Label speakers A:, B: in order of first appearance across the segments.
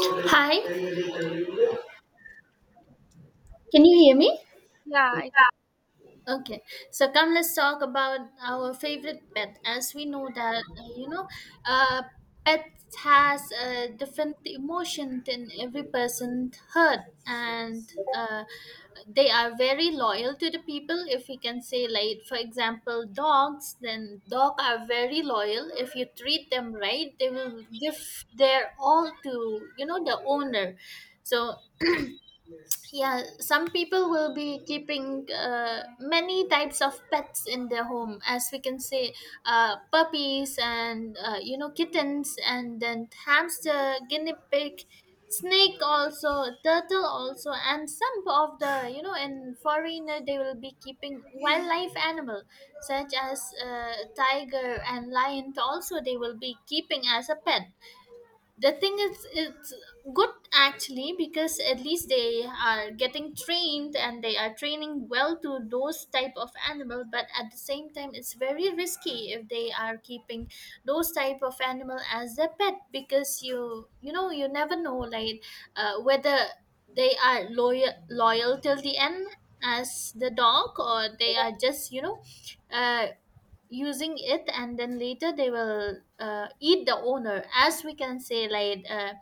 A: Hi, can you hear me?
B: Yeah, I get-
A: Okay, so come let's talk about our favorite pet. As we know that uh, pet has a different emotion than every person heard, and uh, they are very loyal to the people. If we can say, like for example, dogs, then dog are very loyal. If you treat them right, they will give their all to the owner. So yeah, some people will be keeping many types of pets in their home, as we can say puppies and kittens and then hamster, guinea pig, snake also, turtle also, and some of the in foreigner they will be keeping wildlife animal such as tiger and lion also they will be keeping as a pet. The thing is it's good actually, because at least they are getting trained and they are training well to those type of animal, but at the same time it's very risky if they are keeping those type of animal as their pet, because you know you never know, like whether they are loyal till the end as the dog, or they are just uh, using it and then later they will eat the owner. As we can say, like uh,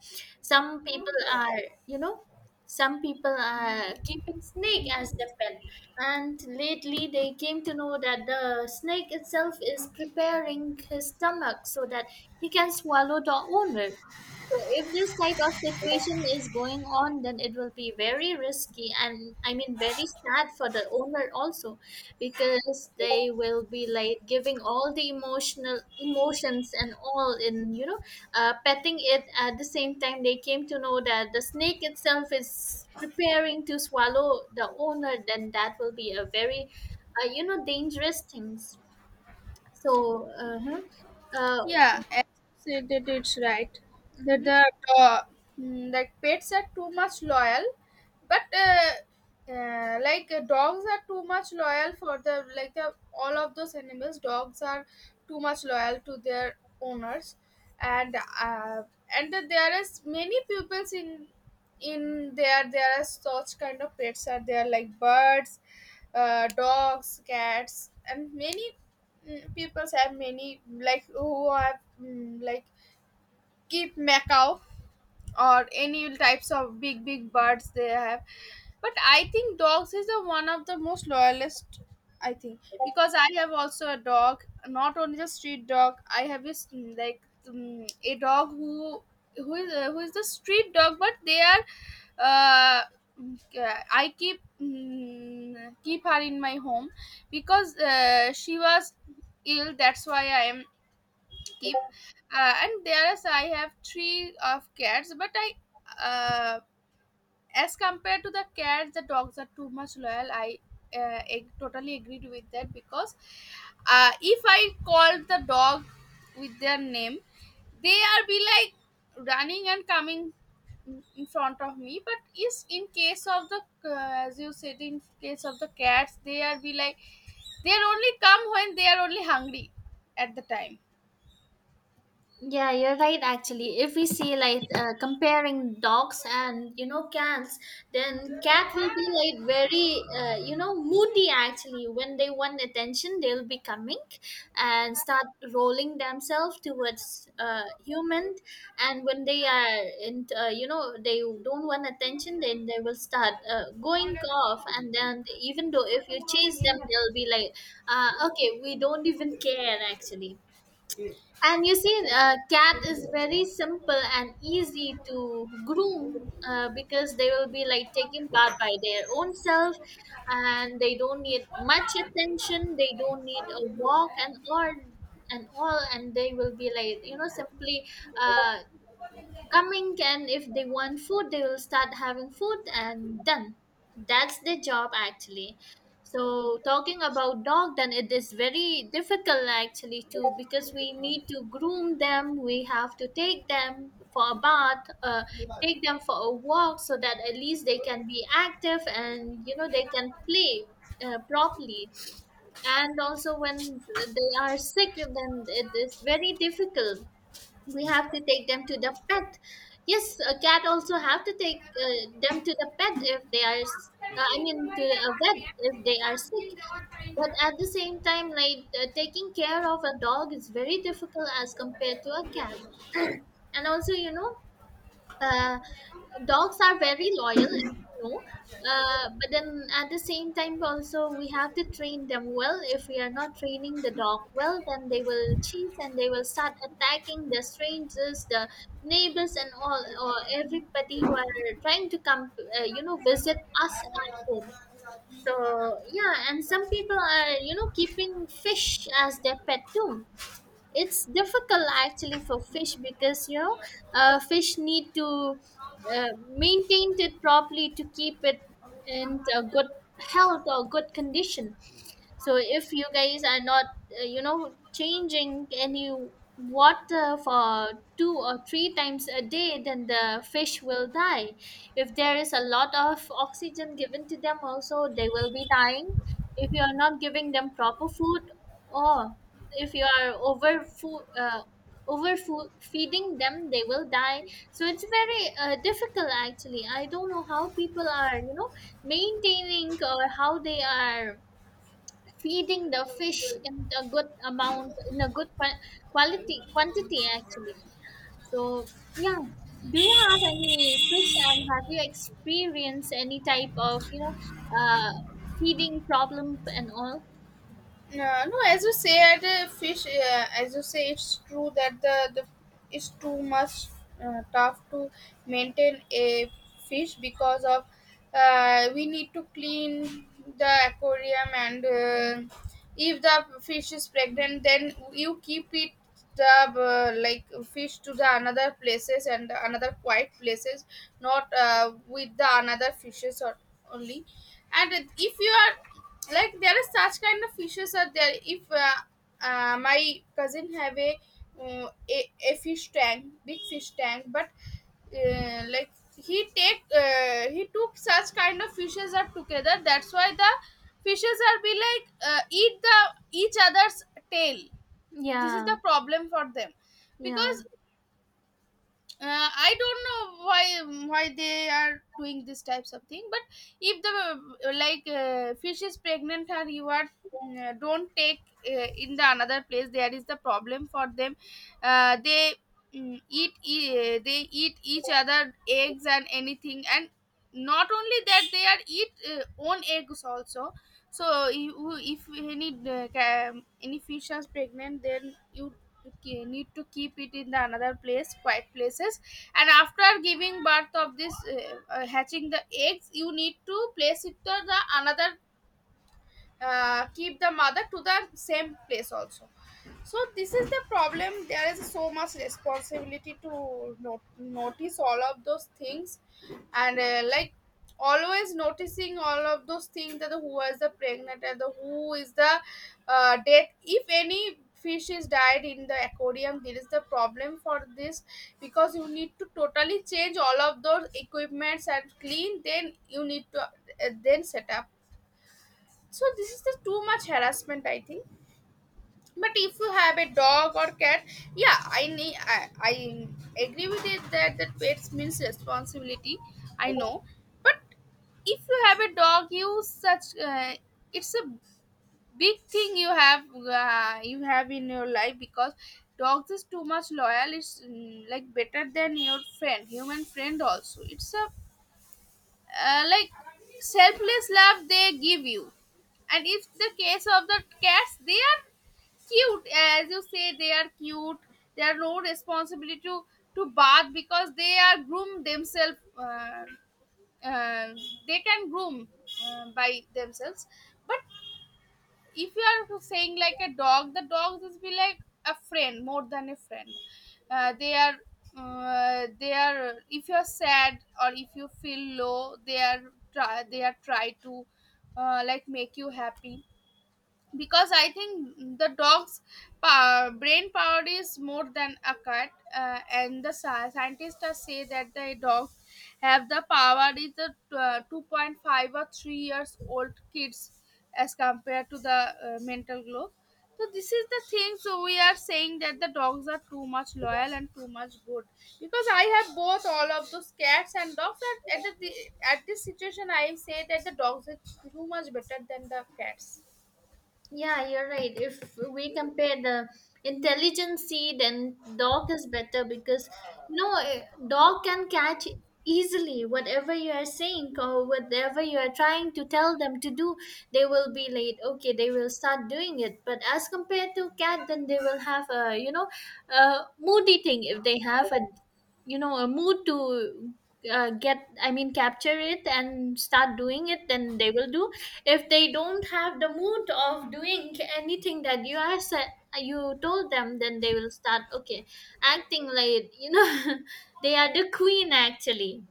A: some people are you know some people are keeping snake as their pet, and lately they came to know that the snake itself is preparing his stomach so that he can swallow the owner. So if this type of situation is going on, then it will be very risky, and I mean very sad for the owner also, because they will be like giving all the emotional emotions and all in petting it. At the same time, they came to know that the snake itself is preparing to swallow the owner, then that will be a very dangerous things. so uh-huh. uh
B: yeah, as you said, that it's right that
A: mhm.
B: uh, like pets are too much loyal, but like dogs are too much loyal for the like the all of those animals. Dogs are too much loyal to their owners, and uh, and there is many pupils in in there are such kind of pets are there like birds, dogs, cats, and many peoples have many, like who have like keep macaw or any types of big big birds they have. But I think dogs is the one of the most loyalist, I think, because I have also a dog, not only the street dog. I have this a dog who is the street dog, but they are uh, I keep keep her in my home because she was ill, that's why I am keep. And there is, I have three of cats, but I uh, as compared to the cats the dogs are too much loyal. Totally agreed with that because, if I call the dog with their name, they are be like running and coming in front of me. But is in case of the, as you said, in case of the cats, they are be like they are only come when they are only hungry at the time.
A: Yeah, you're right. Actually, if we see like comparing dogs and cats, then cat will be like very moody. Actually, when they want attention, they'll be coming and start rolling themselves towards human. And when they are in, they don't want attention, then they will start going off. And then even though if you chase them, they'll be like, okay, we don't even care actually. And you see, cat is very simple and easy to groom because they will be like taken part by their own self, and they don't need much attention. They don't need a walk and all and all, and they will be like simply uh, coming, and if they want food they will start having food and done. That's their job actually. So talking about dog, then it is very difficult actually too, because we need to groom them, we have to take them for a bath, take them for a walk, so that at least they can be active and they can play properly. And also when they are sick, then it is very difficult, we have to take them to the pet. Yes, a cat also have to take them to the pet if they are I mean to a vet if they are sick. But at the same time, like taking care of a dog is very difficult as compared to a cat. And also uh, dogs are very loyal, as you know, but then at the same time also we have to train them well. If we are not training the dog well, then they will chase and they will start attacking the strangers, the neighbors and all, or everybody who are trying to come visit us at home. So yeah, and some people are keeping fish as their pet too. It's difficult actually for fish, because fish need to maintain it properly to keep it in a good health or good condition. So if you guys are not changing any water for two or three times a day, then the fish will die. If there is a lot of oxygen given to them also, they will be dying. If you are not giving them proper food, or if you are over food feeding them, they will die. So it's very difficult actually. I don't know how people are maintaining or how they are feeding the fish in a good amount, in a good quality, quantity actually. So yeah, do you have any fish, and have you experienced any type of uh feeding problem and all?
B: No, no. As you say, at the fish, as you say, it's true that the it's too much tough to maintain a fish because of, we need to clean the aquarium. And if the fish is pregnant, then you keep it the like fish to the another places and another quiet places, not with the another fishes or only. And if you are like, there are such kind of fishes are there. If my cousin have a, a fish tank, big fish tank, but like he take he took such kind of fishes are together, that's why the fishes are be like eat the each other's tail. This is
A: Yeah,
B: the problem for them
A: yeah.
B: because, I don't know why they are doing this types of thing. But if the fish is pregnant and you are don't take uh, in the another place, there is the problem for them. They they eat each other eggs and anything, and not only that, they are eat own eggs also. So you, if any any fish is pregnant, then you need to keep it in the another place, quiet places. And after giving birth of this, hatching the eggs, you need to place it to the another, keep the mother to the same place also. So this is the problem, there is so much responsibility to notice all of those things. And always noticing all of those things, that the who is the pregnant and the who is the death. If any fish is died in the aquarium, there is the problem for this, because you need to totally change all of those equipments and clean, then you need to then set up. So this is the too much harassment, I think. But if you have a dog or cat, yeah, I need I agree with it, that that pets means responsibility, I know. But if you have a dog, you such, it's a big thing you have, you have in your life, because dogs is too much loyal. It's like better than your friend, human friend also. It's a uh, like selfless love they give you. And if the case of the cats, they are cute, as you say, they are cute. They are no responsibility to bath, because they are groom themselves, uh, they can groom by themselves. But if you are saying like a dog, the dogs is be like a friend, more than a friend. They are they are, if you are sad or if you feel low, they are try, they are try to make you happy. Because I think the dog's power, brain power is more than a cat, and the scientists are say that the dogs have the power is the 2.5 or 3 years old kids as compared to the mental globe. So this is the thing. So we are saying that the dogs are too much loyal and too much good, because I have both all of those cats and dogs. And at the at this situation, I say that the dogs are too much better than the cats.
A: Yeah, you're right. If we compare the intelligent sea, then dog is better, because dog can catch easily whatever you are saying or whatever you are trying to tell them to do. They will be late. Okay, they will start doing it. But as compared to cat, then they will have a a mood eating. If they have a a mood to get, I mean capture it and start doing it, then they will do. If they don't have the mood of doing anything that you are set, you told them, then they will start okay acting like they are the queen actually.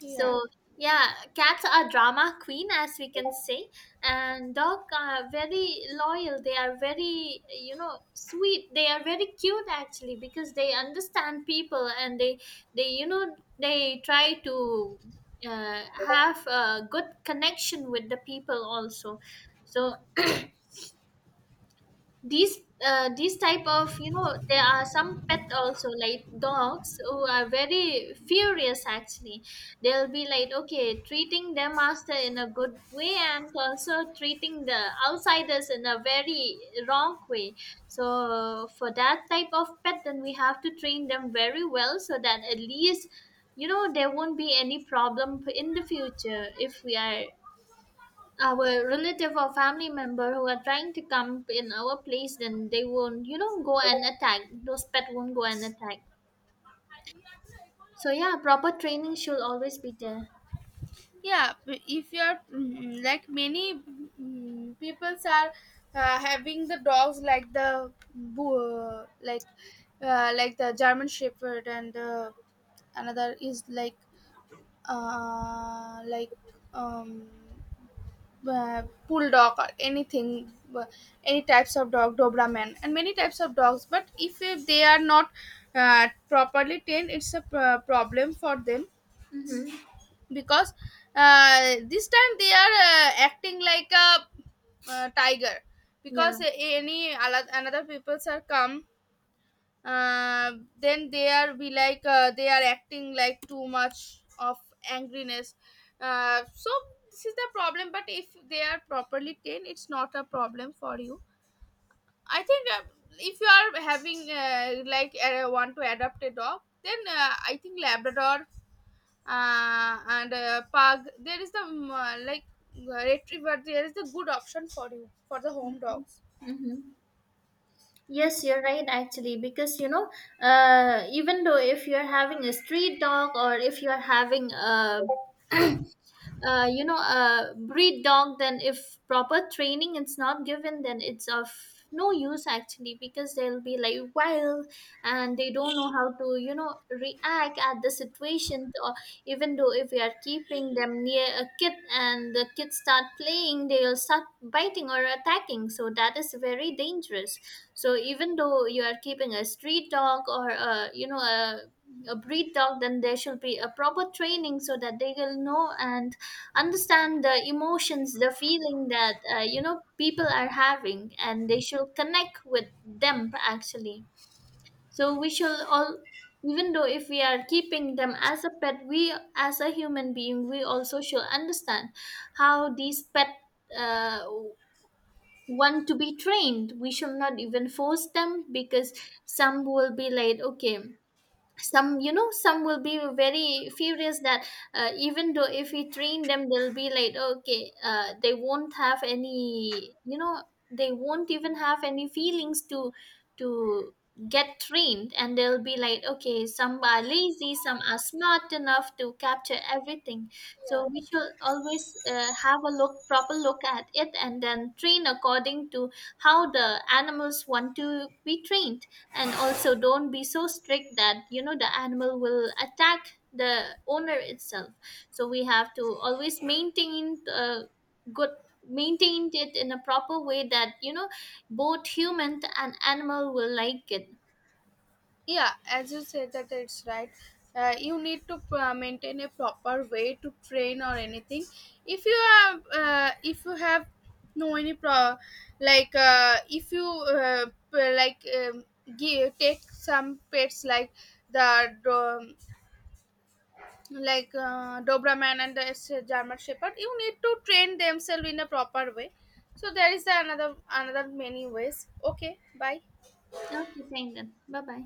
B: Yeah.
A: So yeah, cats are drama queen, as we can say, and dog are very loyal. They are very sweet. They are very cute actually, because they understand people, and they they try to have a good connection with the people also. So these these type of there are some pet also like dogs who are very furious actually. They'll be like okay treating their master in a good way, and also treating the outsiders in a very wrong way. So for that type of pet, then we have to train them very well, so that at least there won't be any problem in the future. If we are our relative or family member who are trying to come in our place, then they won't go and attack, those pet won't go and attack. So yeah, proper training should always be there.
B: If you're many peoples are having the dogs like the like the German Shepherd, and another is like uh, like um bulldog or anything, any types of dog, Doberman, and many types of dogs. But if they are not properly trained, it's a problem for them,
A: Mm-hmm.
B: because this time they are acting like a tiger,
A: Yeah.
B: because any another peoples are come. uh, then they are be like, they are acting like too much of angriness. So this is the problem. But if they are properly trained, it's not a problem for you, I think. If you are having want to adopt a dog, then I think Labrador and pug, there is the retriever, there is the good option for you for the home dogs.
A: Mm-hmm. Yes, you're right actually, because even though if you're having a street dog or if you're having a breed dog, then if proper training is not given, then it's of no use actually, because they'll be like wild, and they don't know how to react at the situation. Or even though if we are keeping them near a kid and the kids start playing, they'll start biting or attacking, so that is very dangerous. So even though you are keeping a street dog or a a breed dog, then there should be a proper training, so that they will know and understand the emotions, the feeling that people are having, and they should connect with them actually. So we should all, even though if we are keeping them as a pet, we as a human being we also should understand how these pet uh, want to be trained. We should not even force them, because some will be like okay, some some will be very furious that even though if we train them, they'll be like okay, they won't have any they won't even have any feelings to to get trained. And they'll be like okay, some are lazy, some are smart enough to capture everything. So we should always have a look, proper look at it, and then train according to how the animals want to be trained. And also don't be so strict that the animal will attack the owner itself. So we have to always maintain good, maintained it in a proper way, that both human and animal will like it.
B: Yeah, as you said, that it's right. You need to maintain a proper way to train or anything. If you have if you have no any pro, like if you uh, p- like um, give, take some pets like the Doberman and the German Shepherd, you need to train themselves in a proper way. So there is another many ways. Okay, bye.
A: Okay, thank, then bye bye.